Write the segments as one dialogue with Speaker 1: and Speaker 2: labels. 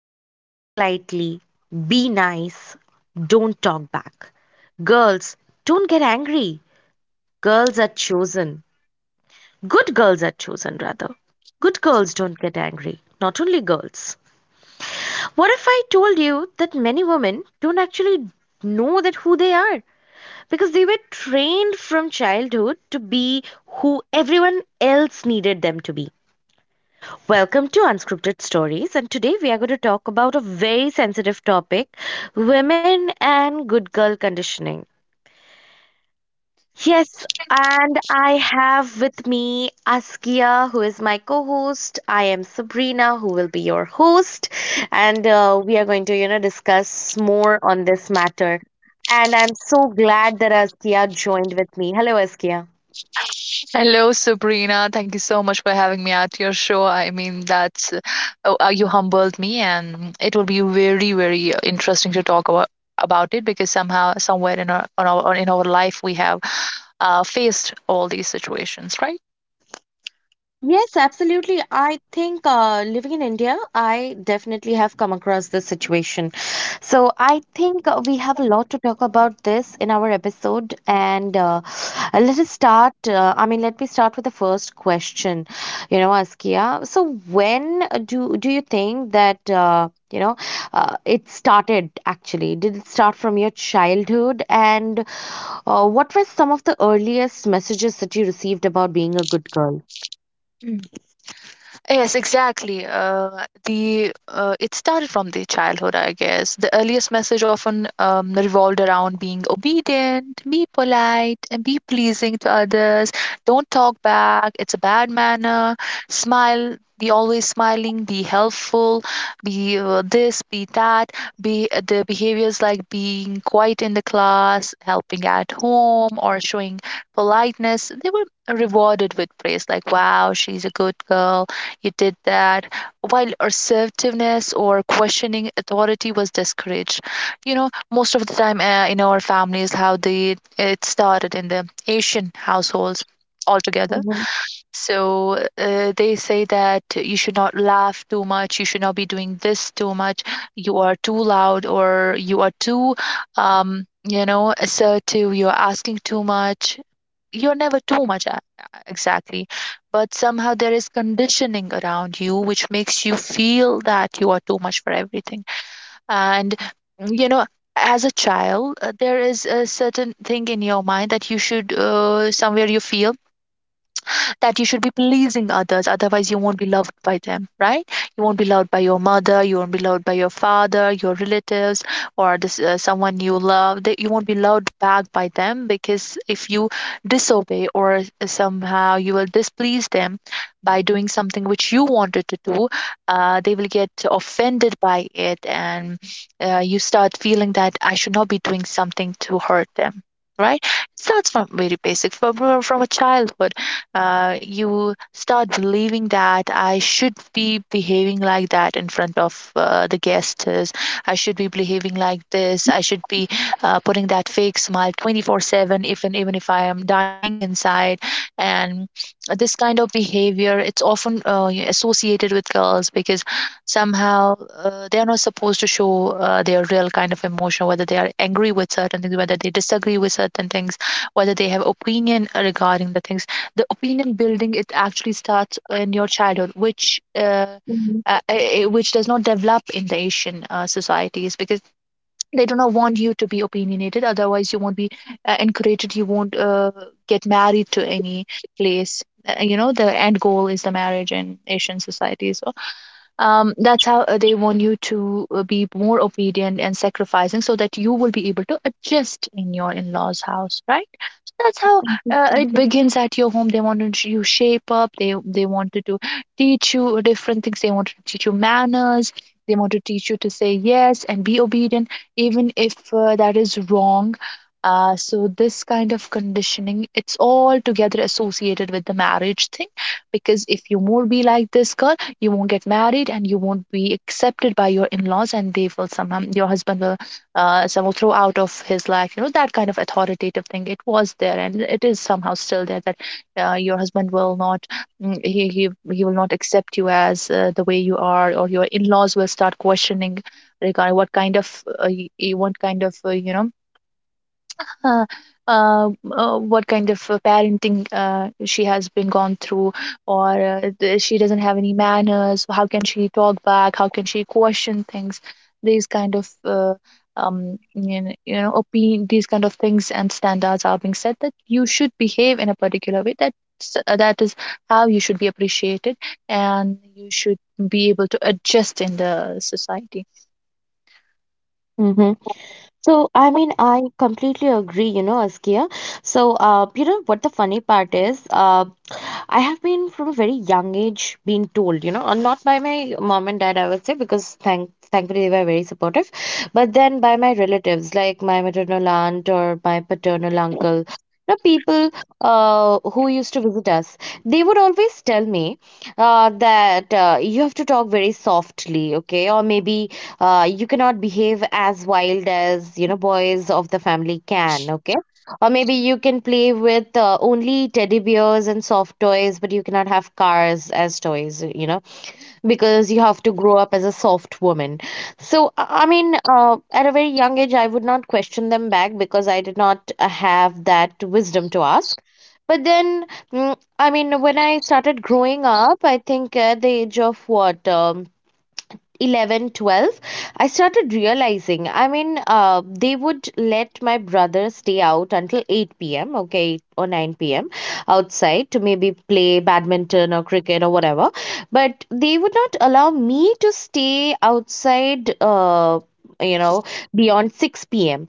Speaker 1: voice slightly. Be nice. Don't talk back. Girls, don't get angry. Girls are chosen. Good girls are chosen, rather. Good girls don't get angry. Not only girls. What if I told you that many women don't actually know that who they are because they were trained from childhood to be who everyone else needed them to be? Welcome to Unscripted Stories, and today we are going to talk about a very sensitive topic: women and good girl conditioning. Yes, and I have with me Askia, who is my co host. I am Sabrina, who will be your host, and we are going to, you know, discuss more on this matter. And I'm so glad that Askia joined with me. Hello, Askia.
Speaker 2: Hello, Sabrina. Thank you so much for having me at your show. You humbled me, and it will be very, very interesting to talk about it because somehow, somewhere in our life, we have faced all these situations, right?
Speaker 1: Yes, absolutely. I think living in India, I definitely have come across this situation. So I think we have a lot to talk about this in our episode. And let us start. Let me start with the first question, you know, Askia. So when do you think that it started actually? Did it start from your childhood? And what were some of the earliest messages that you received about being a good girl?
Speaker 2: Yes, exactly. The It started from the childhood, I guess. The earliest message often revolved around being obedient, be polite, and be pleasing to others. Don't talk back; it's a bad manner. Smile. Be always smiling. Be helpful. Be this. Be that. Be The behaviors like being quiet in the class, helping at home, or showing politeness. They were rewarded with praise, like "Wow, she's a good girl." He did that while assertiveness or questioning authority was discouraged. You know, most of the time in our families, how they it started in the Asian households altogether.
Speaker 1: Mhm,
Speaker 2: So they say that you should not laugh too much, you should not be doing this too much, you are too loud, or you are too, you know, assertive, you're asking too much, you're never too much. Exactly, but somehow there is conditioning around you which makes you feel that you are too much for everything. And you know, as a child, there is a certain thing in your mind that you should, somewhere you feel that you should be pleasing others, otherwise you won't be loved by them, right? You won't be loved by your mother, you won't be loved by your father, your relatives, or this, someone you love, that you won't be loved back by them. Because if you disobey or somehow you will displease them by doing something which you wanted to do, they will get offended by it. And you start feeling that I should not be doing something to hurt them, right? It starts from very basic, from a childhood. You start believing that I should be behaving like that in front of the guests. I should be behaving like this. I should be putting that fake smile 24/7, even if I am dying inside. And this kind of behavior, it's often associated with girls, because somehow they are not supposed to show their real kind of emotion, whether they are angry with certain things, whether they disagree with certain things, whether they have opinion regarding the things. The opinion building, it actually starts in your childhood, which
Speaker 1: mhm,
Speaker 2: which does not develop in the Asian societies, because they do not want you to be opinionated, otherwise you won't be encouraged, you won't get married to any place. You know, the end goal is the marriage in Asian societies. So that's how they want you to be more obedient and sacrificing, so that you will be able to adjust in your in-laws house, right? So that's how it begins at your home. They wanted you shape up. They wanted to teach you different things, they wanted to teach you manners, they want to teach you to say yes and be obedient, even if that is wrong. So this kind of conditioning, it's all together associated with the marriage thing. Because if you more be like this girl, you won't get married and you won't be accepted by your in-laws, and they will somehow, your husband will somehow throw out of his life. You know, that kind of authoritative thing, it was there and it is somehow still there, that your husband will not, he will not accept you as the way you are. Or your in-laws will start questioning regarding what kind of, what kind of, uh, uh, what kind of parenting she has been gone through, or she doesn't have any manners. How can she talk back? How can she question things? These kind of opinion, these kind of things and standards are being said, that you should behave in a particular way. That is how you should be appreciated, and you should be able to adjust in the society.
Speaker 1: mhm. So, I mean, I completely agree, you know, Askia. So, you know what the funny part is? I have been from a very young age being told, you know, not by my mom and dad, I would say, because thankfully they were very supportive, but then by my relatives, like my maternal aunt or my paternal uncle, the people who used to visit us. They would always tell me that you have to talk very softly, okay, or maybe you cannot behave as wild as you know boys of the family can, okay, or maybe you can play with only teddy bears and soft toys, but you cannot have cars as toys, you know, because you have to grow up as a soft woman. So I mean at a very young age I would not question them back because I did not have that wisdom to ask. But then mm, I mean, when I started growing up, I think at the age of what 11, 12, I started realizing, I mean, they would let my brother stay out until 8 p.m., okay, 8 or 9 p.m. outside to maybe play badminton or cricket or whatever, but they would not allow me to stay outside, you know beyond 6 p.m.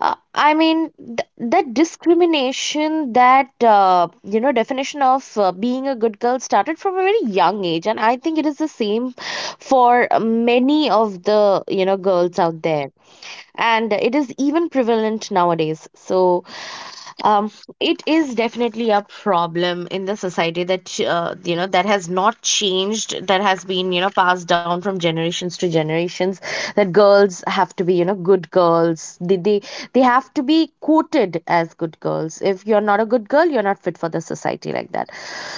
Speaker 1: I mean, th That discrimination, that you know, definition of being a good girl started from a very young age, and I think it is the same for many of the girls out there, and it is even prevalent nowadays. So um, it is definitely a problem in the society that you know that has not changed, that has been, you know, passed down from generations to generations. That girls have to be, you know, good girls. They have to be quoted as good girls. If you're not a good girl, you're not fit for the society like that.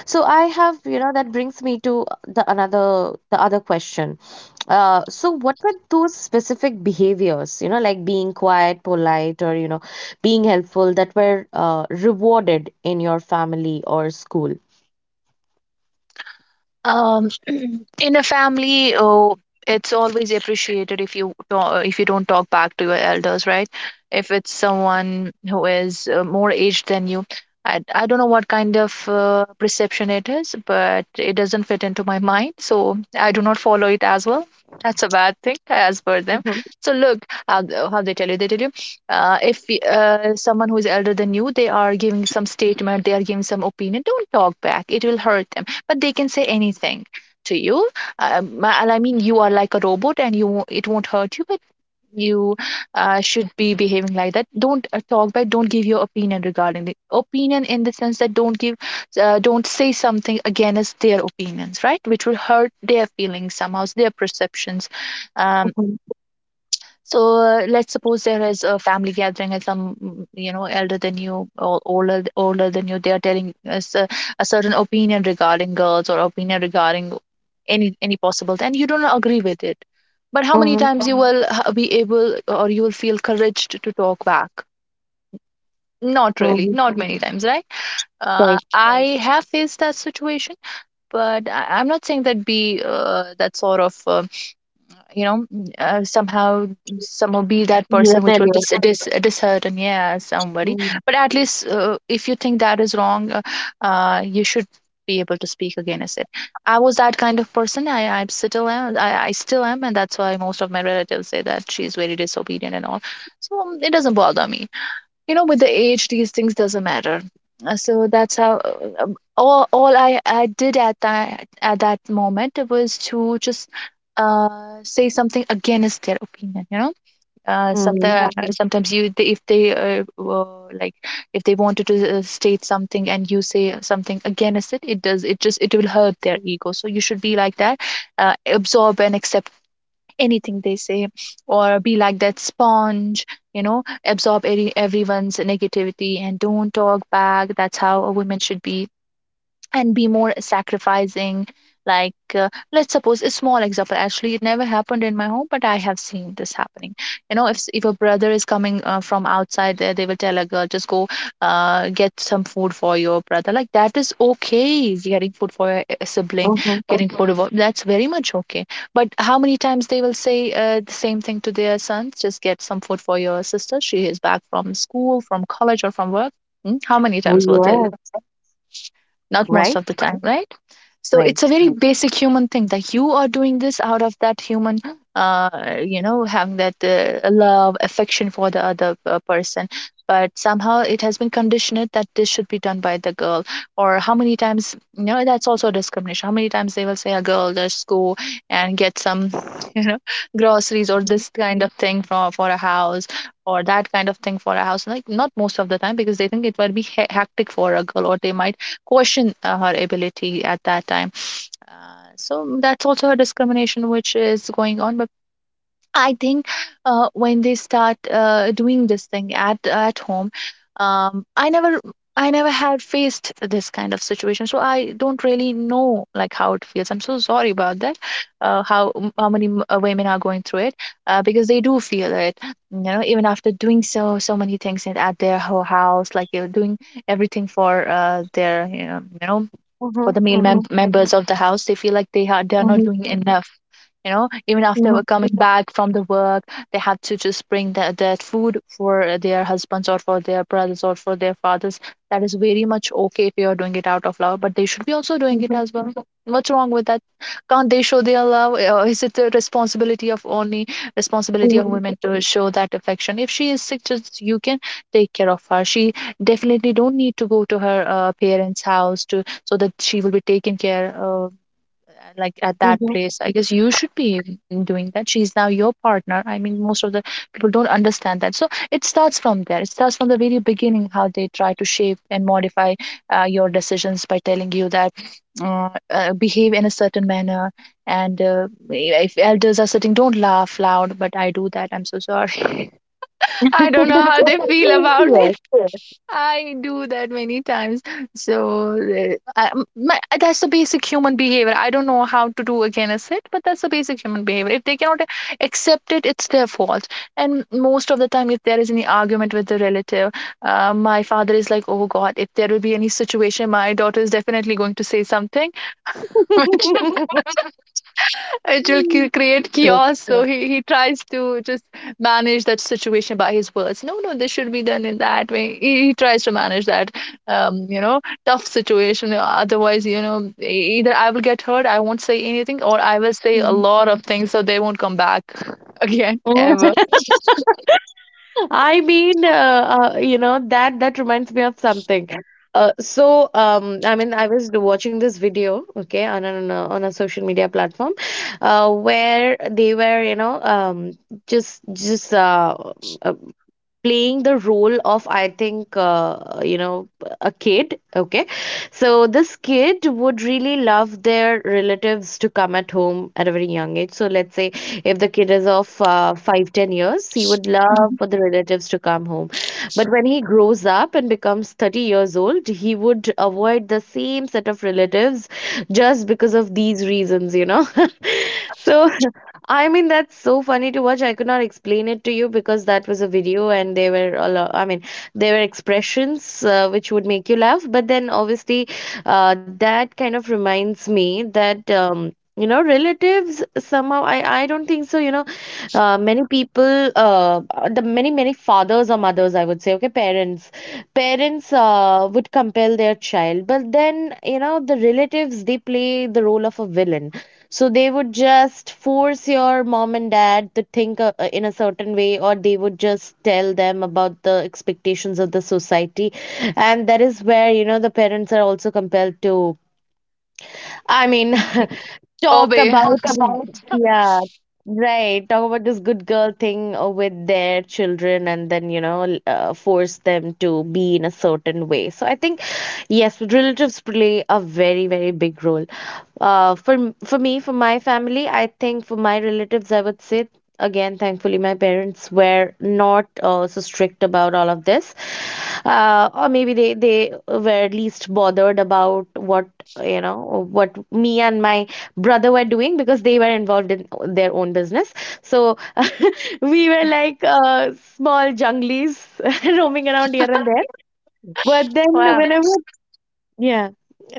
Speaker 1: So I have, you know, that brings me to the other question. So what were those specific behaviors, you know, like being quiet, polite, or, you know, being helpful that were rewarded in your family or school?
Speaker 2: um in a family, oh, it's always appreciated if you don't, if you don't talk back to your elders, right? If it's someone who is more aged than you. I don't know what kind of perception it is, but it doesn't fit into my mind, so I do not follow it as well. That's a bad thing as per them.
Speaker 1: Mm-hmm,
Speaker 2: So look how they tell you. They tell you, if y- someone who is elder than you, they are giving some statement, they are giving some opinion, don't talk back, it will hurt. But they can say anything to you. Um, I mean, you are like a robot, and you, it won't hurt you, but you should be behaving like that. Don't talk back. Don't give your opinion regarding the opinion, in the sense that don't give, don't say something against their opinions, right? Which will hurt their feelings somehow, their perceptions. um,
Speaker 1: mm-hmm,
Speaker 2: so let's suppose there is a family gathering, and some, you know, elder than you or older than you, they are telling us a certain opinion regarding girls, or opinion regarding any possible, and you don't agree with it. But how many times you will be able, or you will feel couraged to talk back? Not really,
Speaker 1: mm-hmm.
Speaker 2: not many times, right?
Speaker 1: Right.
Speaker 2: I have faced that situation, but I'm not saying that be that sort of, you know, somehow be that person which will
Speaker 1: Rebellious.
Speaker 2: dishearten, yeah, somebody.
Speaker 1: Mm-hmm,
Speaker 2: But at least if you think that is wrong, you should be able to speak against it. I was that kind of person. I still am. I still am, and that's why most of my relatives say that she's very disobedient and all. So it doesn't bother me. You know, with the age these things doesn't matter. So that's how, um, all I did at that moment was to just say something against their opinion, you know. Sometimes, right, sometimes you, they, if they were like, if they wanted to state something and you say something against it, it does, it just, it will hurt their ego. So you should be like that, uh, absorb and accept anything they say, or be like that sponge, you know, absorb everyone's negativity and don't talk back. That's how a woman should be. And be more sacrificing. Like let's suppose a small example. Actually, it never happened in my home, but I have seen this happening. You know, if a brother is coming from outside there, they will tell a girl, just go get some food for your brother. Like that is okay, getting food for a sibling.
Speaker 1: mm-hmm.
Speaker 2: Getting food for, that's very much okay. But how many times they will say the same thing to their sons, just get some food for your sister, she is back from school, from college, or from work? Hmm? How many
Speaker 1: Oh,
Speaker 2: times will they?
Speaker 1: yes.
Speaker 2: Not most
Speaker 1: Right,
Speaker 2: of the time, right? So it's a
Speaker 1: right.
Speaker 2: very Mm. basic human thing, that you are doing this out of that human, you know, having that love, affection for the other person. But somehow it has been conditioned that this should be done by the girl. Or how many times, you know, that's also discrimination. How many times they will say a girl, just go and get some, you know, groceries or
Speaker 1: Mm-hmm,
Speaker 2: this kind of thing for a house, or that kind of thing for a house. Like, not most of the time, because they think it will be hectic for a girl, or they might question her ability at that time. So that's also her discrimination which is going on. But I think when they start doing this thing at home, I never. I never had faced this kind of situation, so I don't really know like how it feels. I'm so sorry about that. Uh, how how many women are going through it because they do feel it, even after doing so many things in, at their house, like you're doing everything for their
Speaker 1: mm-hmm,
Speaker 2: for the male
Speaker 1: mm-hmm,
Speaker 2: members of the house. They feel like they are not
Speaker 1: mm-hmm,
Speaker 2: doing enough, you know, even after coming back from the work. They have to just bring that food for their husbands or for their brothers or for their fathers. That is very much okay if you are doing it out of love, but they should be also doing it
Speaker 1: mm-hmm,
Speaker 2: as well. What's wrong with that? Can't they show their love, or is it the responsibility of
Speaker 1: mm-hmm,
Speaker 2: women to show that affection? If she is sick, just you can take care of her. She definitely don't need to go to her parents house to so that she will be taken care like at that
Speaker 1: mm-hmm.
Speaker 2: place I guess you should be doing that. She's now your partner. I mean, most of the people don't understand that. So it starts from there. It starts from the very beginning, how they try to shape and modify your decisions by telling you that behave in a certain manner, and if elders are sitting, don't laugh loud. But I do that. I'm so sorry. I don't know how they feel about it. I do that many times. So that's the basic human behavior. I don't know how to do against it, but that's the basic human behavior. If they cannot accept it, it's their fault. And most of the time, if there is any argument with the relative, my father is like, "Oh God, if there will be any situation, my daughter is definitely going to say something."
Speaker 1: Yes.
Speaker 2: It will create
Speaker 1: So,
Speaker 2: chaos. Yeah. So he tries to just manage that situation by his words. No, no, this should be done in that way. He tries to manage that, you know, tough situation. Otherwise, you know, either I will get hurt, I won't say anything, or I will say a lot of things so they won't come back again
Speaker 1: mhm.
Speaker 2: ever.
Speaker 1: I mean, you know, that reminds me of something. I mean, I was watching this video, okay, on on a social media platform, where they were, you know, just uh, playing the role of, I think, you know, a kid, okay, so this kid would really love their relatives to come at home at a very young age. So let's say if the kid is of 5 10 years, he would
Speaker 2: Mhm.
Speaker 1: love for the relatives to come home, but when he grows up and becomes 30 years old, he would avoid the same set of relatives just because of these reasons, you know. So, I mean, that's so funny to watch. I could not explain it to you because that was a video, and there were a lot, I mean, there were expressions which would make you laugh. But then obviously, that kind of reminds me that. You know, relatives somehow, I don't think so, you know, many people, the many many fathers or mothers, I would say, okay, parents, parents would compel their child, but then, you know, the relatives, they play the role of a villain. So they would just force your mom and dad to think in a certain way, or they would just tell them about the expectations of the society. And that is where, you know, the parents are also compelled to, I mean, talk
Speaker 2: Obey. Talk
Speaker 1: about,
Speaker 2: about.
Speaker 1: yeah, right, talk about this good girl thing with their children, and then, you know, force them to be in a certain way. So I think, yes, relatives play a very, very big role. Uh, for for me, for my family, I think for my relatives, I would say again, thankfully, my parents were not so strict about all of this, or maybe they were at least bothered about what you know what me and my brother were doing because they were involved in their own business. So we were like small junglies roaming around here and there. But then
Speaker 2: Wow.
Speaker 1: whenever, yeah.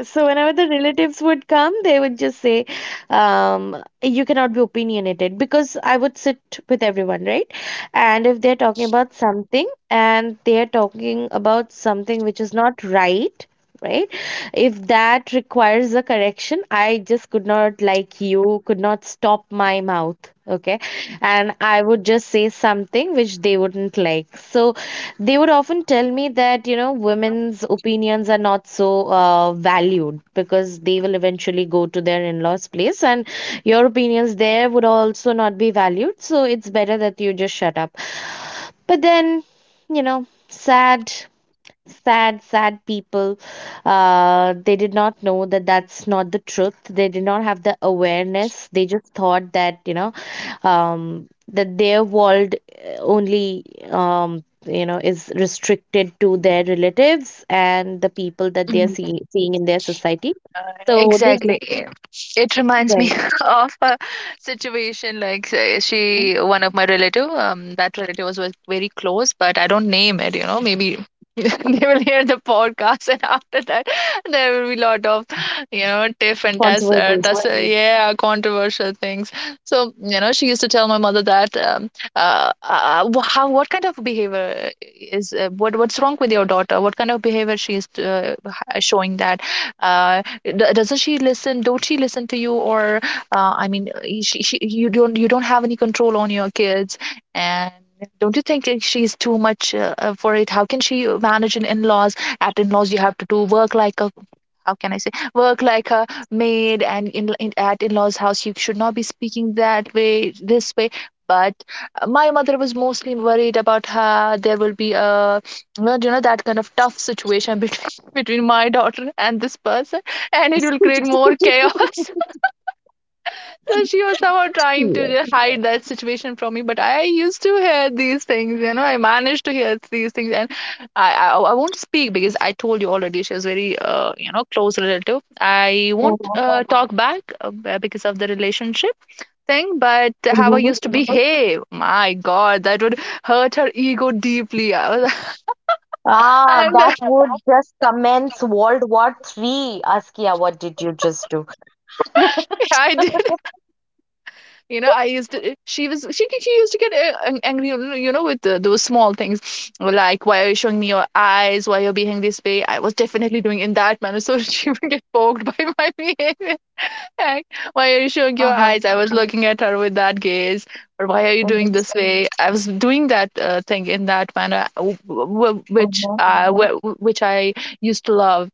Speaker 1: So whenever the relatives would come, they would just say, you cannot be opinionated because I would sit with everyone, right? And if they're talking about something, and they're talking about something which is not right, right? If that requires a correction, I just could not, like you, could not stop my mouth, okay? And I would just say something which they wouldn't like. So they would often tell me that, you know, women's opinions are not so valued because they will eventually go to their in law's place, and your opinions there would also not be valued. So it's better that you just shut up. But then, you know, sad, sad, sad people, they did not know that that's not the truth. They did not have the awareness. They just thought that, you know, that their world only, you know, is restricted to their relatives and the people that they are seeing in their society.
Speaker 2: Uh,
Speaker 1: So they just
Speaker 2: exactly. It reminds
Speaker 1: like
Speaker 2: me of a situation like say, one of my relative, that relative was very close, but I don't name it, you know, maybe they will hear the podcast and after that there will be lot of, you know, tiff and tuss, uh,
Speaker 1: controversy.
Speaker 2: tuss, uh, Controversy. Yeah, controversial things. So, you know, she used to tell my mother that, how, what kind of behavior is, what's wrong with your daughter? What kind of behavior she is showing that? uh. Doesn't she listen? Don't she listen to you? Or I mean, she you don't have any control on your kids, and don't you think that she's too much for it? How can she manage an in-laws? At in-laws, you have to do work like a, how can I say, work like a maid, and in at in-laws house you should not be speaking that way, this way. But my mother was mostly worried about her. There will be a, well, you know, that kind of tough situation between between my daughter and this person, and it will create more chaos. So she was somehow trying to
Speaker 1: Yes.
Speaker 2: hide that situation from me, but I used to hear these things, you know, I managed to hear these things, and I I, I won't speak because I told you already she was very you know close relative. I won't
Speaker 1: Uh-huh.
Speaker 2: talk back because of the relationship thing. But how I
Speaker 1: Mhm.
Speaker 2: used to behave, my God, that would hurt her ego deeply. I was,
Speaker 1: Ah,
Speaker 2: and
Speaker 1: that would just commence World War Three. Askia, what did you just do?
Speaker 2: I you know, I used to. She was she used to get angry, you know, with those small things, like why are you showing me your eyes? Why you're behaving this way? I was definitely doing in that manner, so she would get poked by my behavior. Like, why are you showing your
Speaker 1: Uh-huh.
Speaker 2: eyes? I was looking at her with that gaze, or why are you
Speaker 1: It
Speaker 2: doing this
Speaker 1: is.
Speaker 2: way? I was doing that thing in that manner, which
Speaker 1: Uh-huh.
Speaker 2: I which I used to love.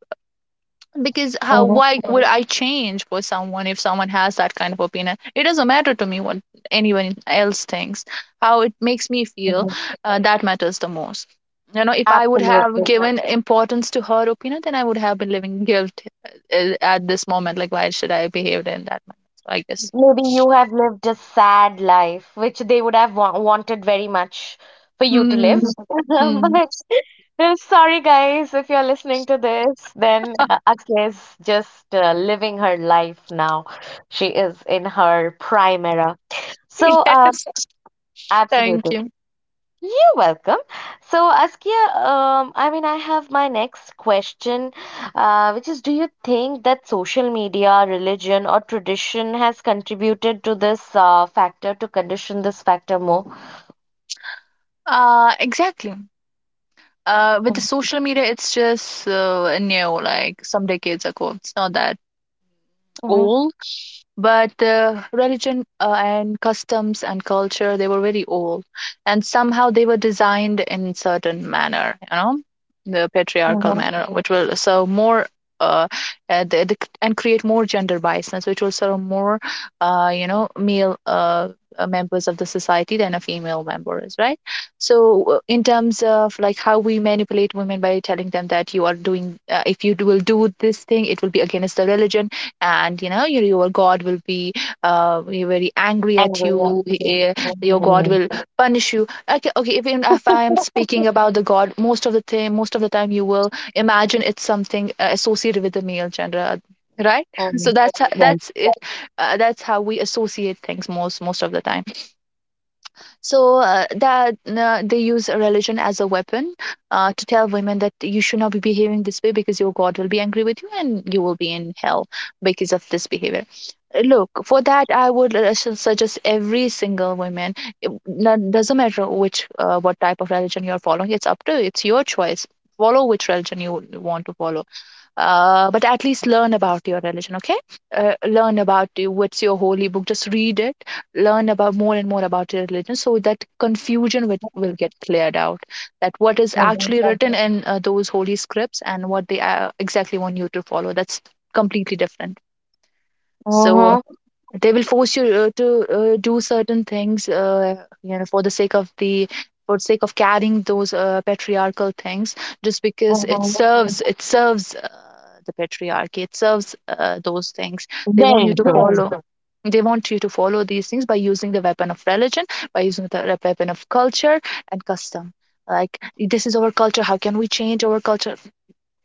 Speaker 2: Because how,
Speaker 1: Uh-huh.
Speaker 2: why would I change for someone? If someone has that kind of opinion, it doesn't matter to me what anyone else thinks. How it makes me feel,
Speaker 1: Uh-huh.
Speaker 2: that matters the most. You know, if I would have
Speaker 1: Absolutely.
Speaker 2: given importance to her opinion, then I would have been living guilt at this moment. Like why should I behave in that manner? So I guess.
Speaker 1: Maybe you have lived a sad life, which they would have wa wanted very much for you to
Speaker 2: Hmm,
Speaker 1: live.
Speaker 2: hmm.
Speaker 1: But sorry, guys, if you're listening to this, then Akshay is just living her life now. She is in her prime era. So,
Speaker 2: Yes, thank
Speaker 1: absolutely.
Speaker 2: you.
Speaker 1: You're welcome. So, Askia, I mean, I have my next question, which is, do you think that social media, religion, or tradition has contributed to this factor, to condition this factor more?
Speaker 2: Exactly. With the social media, it's just new, like some decades ago, it's not that
Speaker 1: Mm-hmm.
Speaker 2: old. But religion and customs and culture, they were very old, and somehow they were designed in certain manner, you know, the patriarchal
Speaker 1: Mm-hmm.
Speaker 2: manner, which will so more uh, and create more gender biasness, which will serve more you know male members of the society than a female member, is right? So in terms of like how we manipulate women by telling them that you are doing if you will do this thing, it will be against the religion, and you know your god will be very angry at
Speaker 1: Angry.
Speaker 2: you.
Speaker 1: Mm-hmm.
Speaker 2: Your god
Speaker 1: Mm-hmm.
Speaker 2: will punish you. Okay, okay, even if I am speaking about the god, most of the time, you will imagine it's something associated with the male gender, right? So that's that's it. That's how we associate things, most of the time. So that they use religion as a weapon to tell women that you should not be behaving this way because your God will be angry with you and you will be in hell because of this behavior. Look, for that, I would suggest every single woman. It doesn't matter which, what type of religion you're following. It's up to you. It's your choice. Follow which religion you want to follow, but at least learn about your religion. Okay, learn about what's your holy book, just read it. Learn about more and more about your religion so that confusion will get cleared out, that what is actually. Yeah. Written in those holy scripts, and what they exactly want you to follow, that's completely different. So
Speaker 1: Mm-hmm.
Speaker 2: they will force you to do certain things, you know, for the sake of the for the sake of carrying those patriarchal things, just because
Speaker 1: Mm-hmm.
Speaker 2: it serves the patriarchy. It serves those things. They
Speaker 1: Their
Speaker 2: want you to
Speaker 1: interest.
Speaker 2: follow, they want you to follow these things by using the weapon of religion, by using the weapon of culture and custom. Like, this is our culture, how can we change our culture?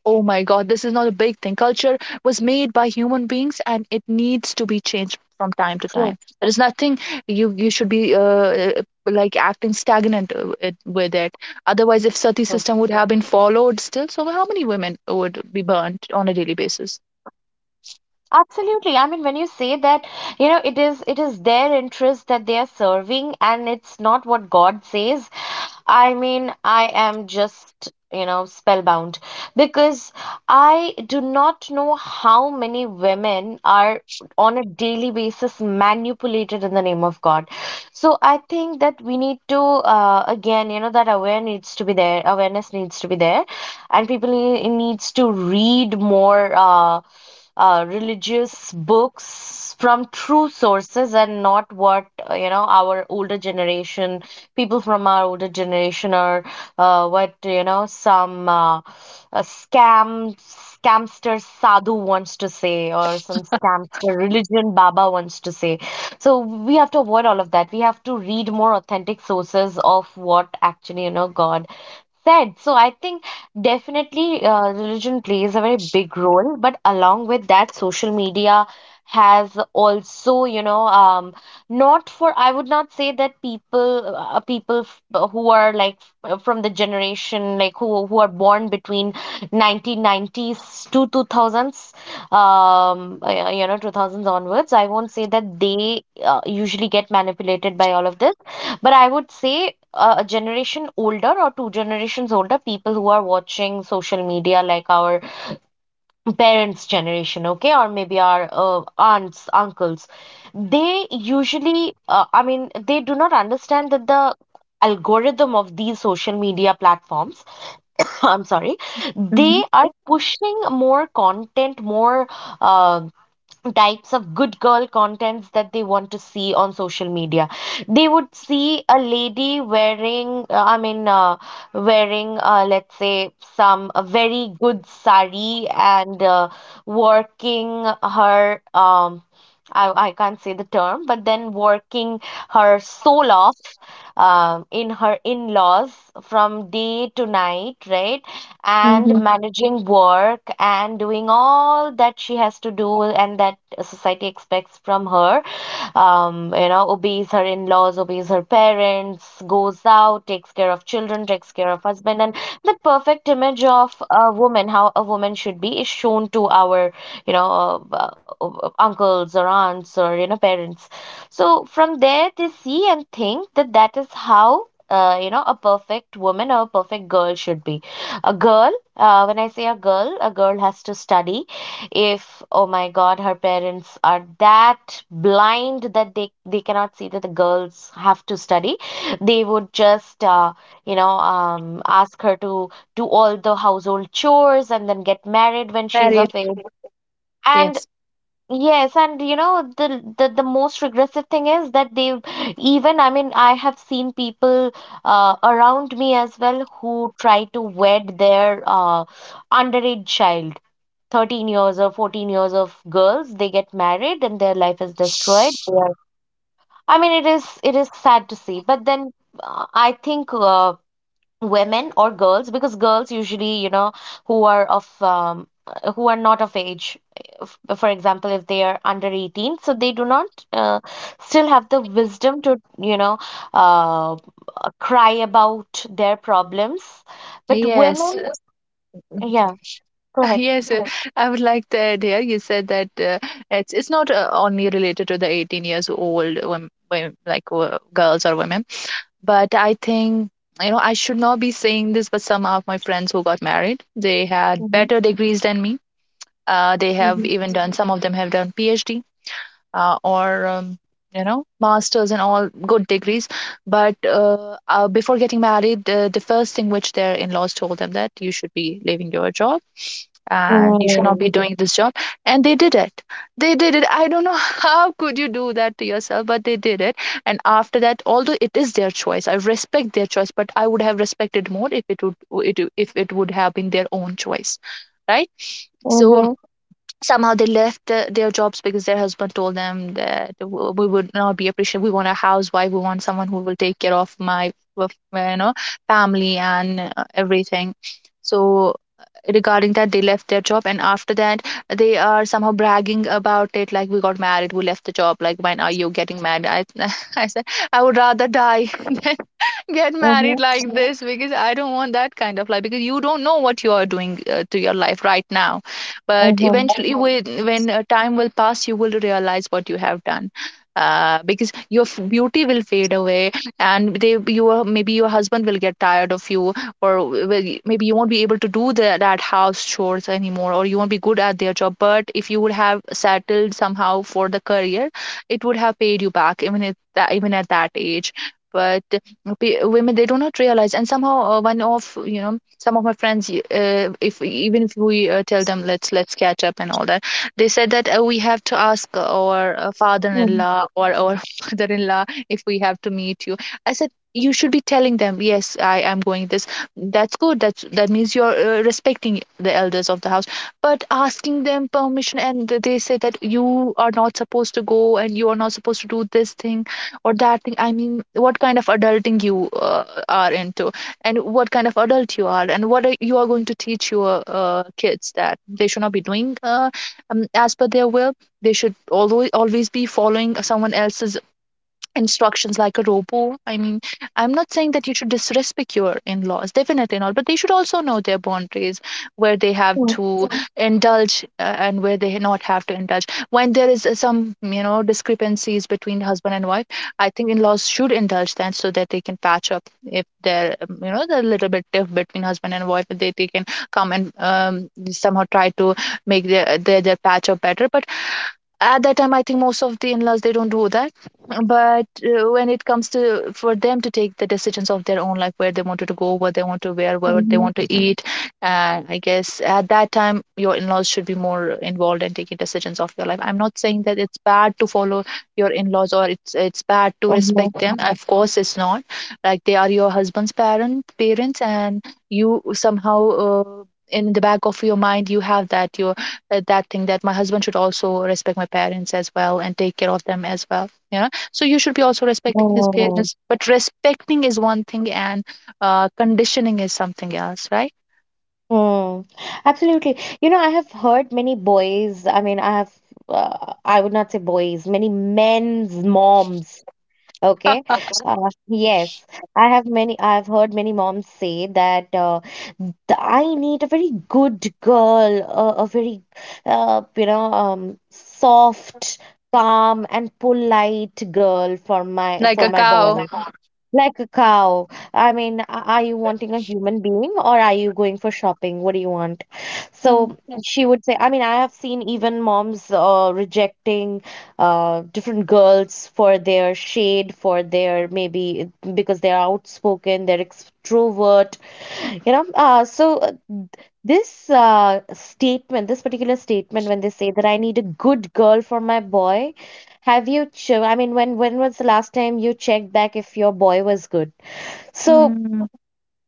Speaker 2: Oh my god, this is not a big thing. Culture was made by human beings and it needs to be changed from time to
Speaker 1: True,
Speaker 2: time. There is nothing, you you should be like acting stagnant with it. Otherwise, if sati
Speaker 1: true.
Speaker 2: system would have been followed still, so how many women would be burnt on a daily basis.
Speaker 1: Absolutely. I mean, when you say that, you know, it is their interest that they are serving, and it's not what God says. I mean, I am just, you know, spellbound because I do not know how many women are on a daily basis manipulated in the name of God. So I think that we need to, again, you know, that aware needs to be there, awareness needs to be there, and people needs to read more. Religious books from true sources, and not what you know, our older generation, people from our older generation, are, what, you know, some a scamster sadhu wants to say or some scamster religion baba wants to say. So we have to avoid all of that. We have to read more authentic sources of what actually, you know, God said. So I think definitely religion plays a very big role, but along with that, social media has also, not for, I would not say that people who are like from the generation, like who are born between 1990s to 2000s, 2000s onwards, I won't say that they usually get manipulated by all of this. But I would say a generation older or two generations older, people who are watching social media like our parents' generation, okay, or maybe our aunts, uncles, they usually, I mean, they do not understand that the algorithm of these social media platforms, I'm sorry,
Speaker 2: Mm-hmm.
Speaker 1: they are pushing more content, more um types of good girl contents that they want to see on social media. They would see a lady wearing, I mean, wearing let's say some a very good sari and working her, I can't say the term, but then working her soul off, in her in-laws from day to night, right? And
Speaker 2: Mm-hmm.
Speaker 1: managing work and doing all that she has to do and that society expects from her. Obeys her in-laws, obeys her parents, goes out, takes care of children, takes care of husband, and the perfect image of a woman, how a woman should be, is shown to our you know, of, uh, uncles or aunts or parents. So from there, they see and think that that is how, a perfect woman or a perfect girl should be. A girl, when I say a girl has to study. If, oh my God, her parents are that blind that they cannot see that the girls have to study, they would just, you know, ask her to do all the household chores and then get married when she's
Speaker 2: Married.
Speaker 1: of age and
Speaker 2: Yes.
Speaker 1: yes, and the most regressive thing is that they have even I mean I have seen people around me as well who try to wed their underage child, 13 years or 14 years of girls. They get married and their life is destroyed. They are- I mean, it is sad to see, but then I think women or girls because girls usually who are of who are not of age. For example, if they are under 18, so they do not uh, still have the wisdom to uh, cry about their problems. But
Speaker 2: Yes.
Speaker 1: women, yeah, go ahead.
Speaker 2: Yes, I would like to add here, you said that it's not only related to the 18 years old women, like girls or women. But I think, you know, I should not be saying this, but some of my friends who got married, they had
Speaker 1: Mm-hmm.
Speaker 2: better degrees than me. They have
Speaker 1: Mm-hmm.
Speaker 2: even done Some of them have done PhD or you know, masters and all good degrees. But before getting married, the first thing which their in laws told them, that you should be leaving your job and you should not be doing this job. And they did it. They did it, I don't know how could you do that to yourself, but they did it. And after that, although it is their choice, I respect their choice, but I would have respected more if it would, if it would have been their own choice, right? So
Speaker 1: Mm-hmm.
Speaker 2: somehow they left their jobs because their husband told them that we would not be appreciated, we want a housewife, we want someone who will take care of my, of my, you know, family and everything. So uh, regarding that, they left their job. And after that, they are somehow bragging about it, like, we got married, we left the job, like, when are you getting married? I said I would rather die than get married
Speaker 1: Mm-hmm.
Speaker 2: like this. Because I don't want that kind of life, because you don't know what you are doing to your life right now. But
Speaker 1: Mm-hmm.
Speaker 2: eventually, when time will pass, you will realize what you have done. Because beauty will fade away, and they your maybe your husband will get tired of you, or maybe you won't be able to do that house chores anymore, or you won't be good at their job. But if you would have settled somehow for the career, it would have paid you back even at that age, but women, they do not realize. And somehow, one of you know some of my friends, if even if we tell them, "Let's catch up and all that," they said that, "We have to ask our
Speaker 1: Mm-hmm.
Speaker 2: father-in-law or our mother-in-law if we have to meet you." I said, "You should be telling them, yes, I am going." this That's good. That means you're respecting the elders of the house. But asking them permission, and they say that you are not supposed to go and you are not supposed to do this thing or that thing, I mean, what kind of adulting you are into and what kind of adult you are? And you are going to teach your kids? That they should not be doing as per their will, they should always be following someone else's instructions like a robo? I mean, I'm not saying that you should disrespect your in laws, definitely not, but they should also know their boundaries, where they have
Speaker 1: Mm-hmm.
Speaker 2: to Mhm. indulge and where they not have to indulge. When there is some, you know, discrepancies between husband and wife, I think in laws should indulge that so that they can patch up. If there, the little bit diff between husband and wife, if they, they can come and somehow try to make their patch up better. But at that time, I think most of the in-laws, they don't do that. But when it comes to for them to take the decisions of their own life, where they wanted to go, what they want to wear, what they
Speaker 1: Mm-hmm.
Speaker 2: want to eat, I guess at that time your in-laws should be more involved in taking decisions of your life. I'm not saying that it's bad to follow your in-laws, or it's bad to
Speaker 1: Mm-hmm.
Speaker 2: respect them. Of course it's not. Like, they are your husband's parents, and you somehow in the back of your mind, you have that, your that thing, that my husband should also respect my parents as well and take care of them as well, you know. So you should be also respecting his
Speaker 1: Mm-hmm.
Speaker 2: parents, but respecting is one thing and conditioning is something else, right?
Speaker 1: Hmm. Absolutely. You know, I have heard many boys, I mean, I have, I would not say boys, many men's moms. Okay. Yes. I've heard many moms say that th- I need a very good girl, a very, soft, calm, and polite girl for my
Speaker 2: Like
Speaker 1: for
Speaker 2: a
Speaker 1: my
Speaker 2: cow.
Speaker 1: boy. Like a cow. I mean, are you wanting a human being or are you going for shopping? What do you want?
Speaker 2: Mm.
Speaker 1: So
Speaker 2: Yeah.
Speaker 1: she would say, I mean, I have seen even moms rejecting different girls for their shade, for their maybe because they're outspoken, they're extrovert. So this statement, this particular statement, when they say that I need a good girl for my boy, have you? I mean, when was the last time you checked back if your boy was good? So
Speaker 2: Mm.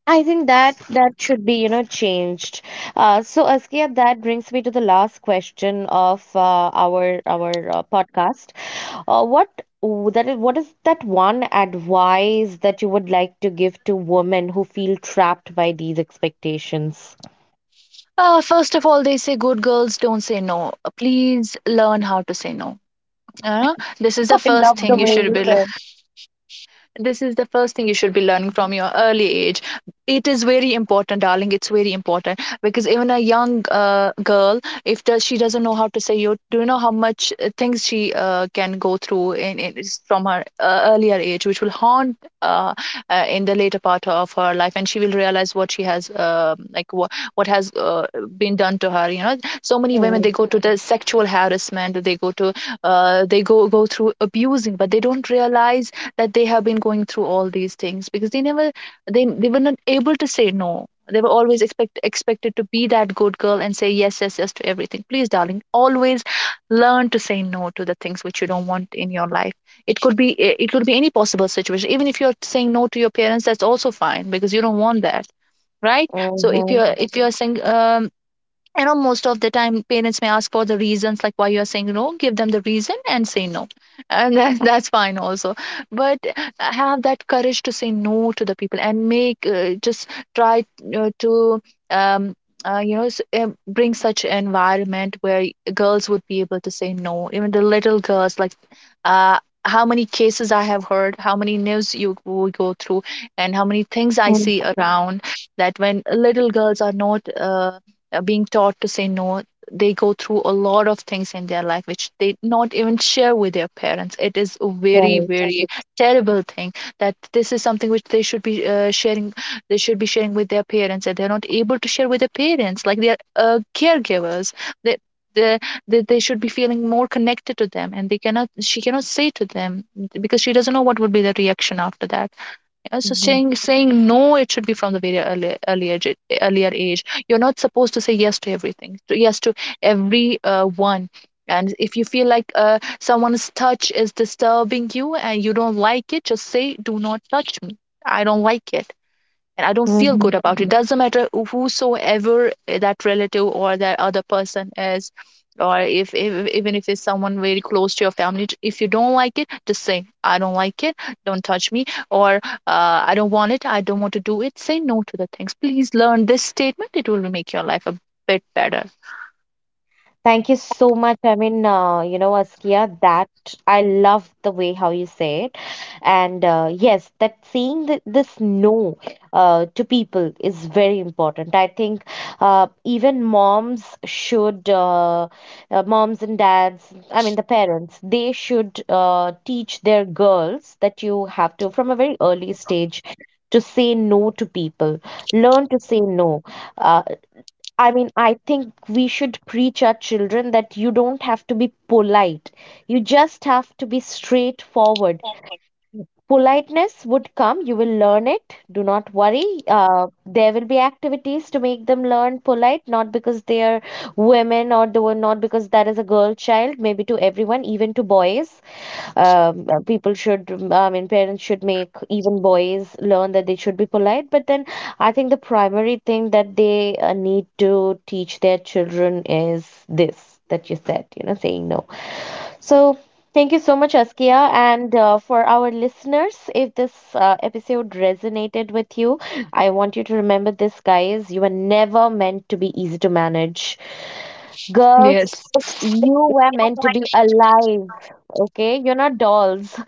Speaker 1: I think that that should be, changed. So Askia, that brings me to the last question of our podcast. Uh, what that is, what is that one advice that you would like to give to women who feel trapped by these expectations?
Speaker 2: First of all, they say good girls don't say no. Please learn how to say no. This is
Speaker 1: I
Speaker 2: the first
Speaker 1: love the
Speaker 2: thing you
Speaker 1: way
Speaker 2: should
Speaker 1: you
Speaker 2: be.
Speaker 1: said.
Speaker 2: This is the first thing you should be learning from your early age. It is very important, darling. It's very important, because even a young girl, if does she doesn't know how to say you, do you know how much things she can go through in is from her earlier age, which will haunt uh, in the later part of her life, and she will realize what she has like what has been done to her. You know, so many women,
Speaker 1: Mm-hmm.
Speaker 2: they go to the sexual harassment, they go to they go through abusing, but they don't realize that they have been going through all these things because they never, they were not able to say no. They were always expected to be that good girl and say yes, yes, yes to everything. Please, darling, always learn to say no to the things which you don't want in your life. It could be eh, it could be any possible situation. Even if you're saying no to your parents, that's also fine, because you don't want that, right? So if you're Yes. if you're saying, you know, most of the time parents may ask for the reasons, like, why you are saying no? Give them the reason and say no, and that, that's fine also. But have that courage to say no to the people, and make just try to um, you know, bring such an environment where girls would be able to say no, even the little girls. Like, uh, how many cases I have heard, how many news you go through, and how many things I
Speaker 1: Mm-hmm.
Speaker 2: see around, that when little girls are not being taught to say no, they go through a lot of things in their life which they not even share with their parents. It is a very,
Speaker 1: Right.
Speaker 2: very terrible thing. That this is something which they should be sharing. They should be sharing with their parents, and they're not able to share with their parents. Like, they're caregivers, they they, they should be feeling more connected to them, and they cannot, she cannot say to them, because she doesn't know what would be the reaction after that. Yeah, so saying no, it should be from the very early, earlier age. You're not supposed to say yes to everything, to yes to every one. And if you feel like someone's touch is disturbing you and you don't like it, just say, "Do not touch me. I don't like it." And I don't feel
Speaker 1: Mm-hmm.
Speaker 2: good about it. Doesn't matter whosoever that relative or that other person is, or if even if it's someone very close to your family, if you don't like it, just say, I don't like it, don't touch me, or I don't want it, I don't want to do it. Say no to the things. Please learn this statement; it will make your life a bit better.
Speaker 1: Thank you so much. I mean, Askia, that I love the way how you say it. And yes, that saying th this no to people is very important. I think even moms should, moms and dads, I mean, the parents, they should teach their girls that you have to, from a very early stage, to say no to people, learn to say no. Uh, I mean, I think we should preach our children that you don't have to be polite. You just have to be straightforward. Politeness would come. You will learn it. Do not worry. There will be activities to make them learn polite, not because they are women or they were not because that is a girl child. Maybe to everyone, even to boys. People should, I mean, parents should make even boys learn that they should be polite. But then I think the primary thing that they need to teach their children is this that you said, saying no. So, thank you so much, Askia. And for our listeners, if this episode resonated with you, I want you to remember this, guys. You were never meant to be easy to manage.
Speaker 2: Yes.
Speaker 1: Girls, you were meant to be alive, okay? You're not dolls.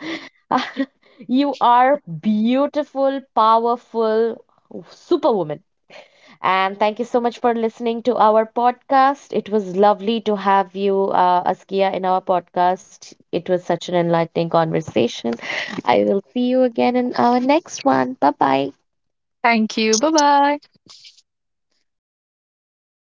Speaker 1: You are beautiful, powerful superwoman. And thank you so much for listening to our podcast. It was lovely to have you, Askia, in our podcast. It was such an enlightening conversation. I will see you again in our next one. Bye bye.
Speaker 2: Thank you. Bye bye.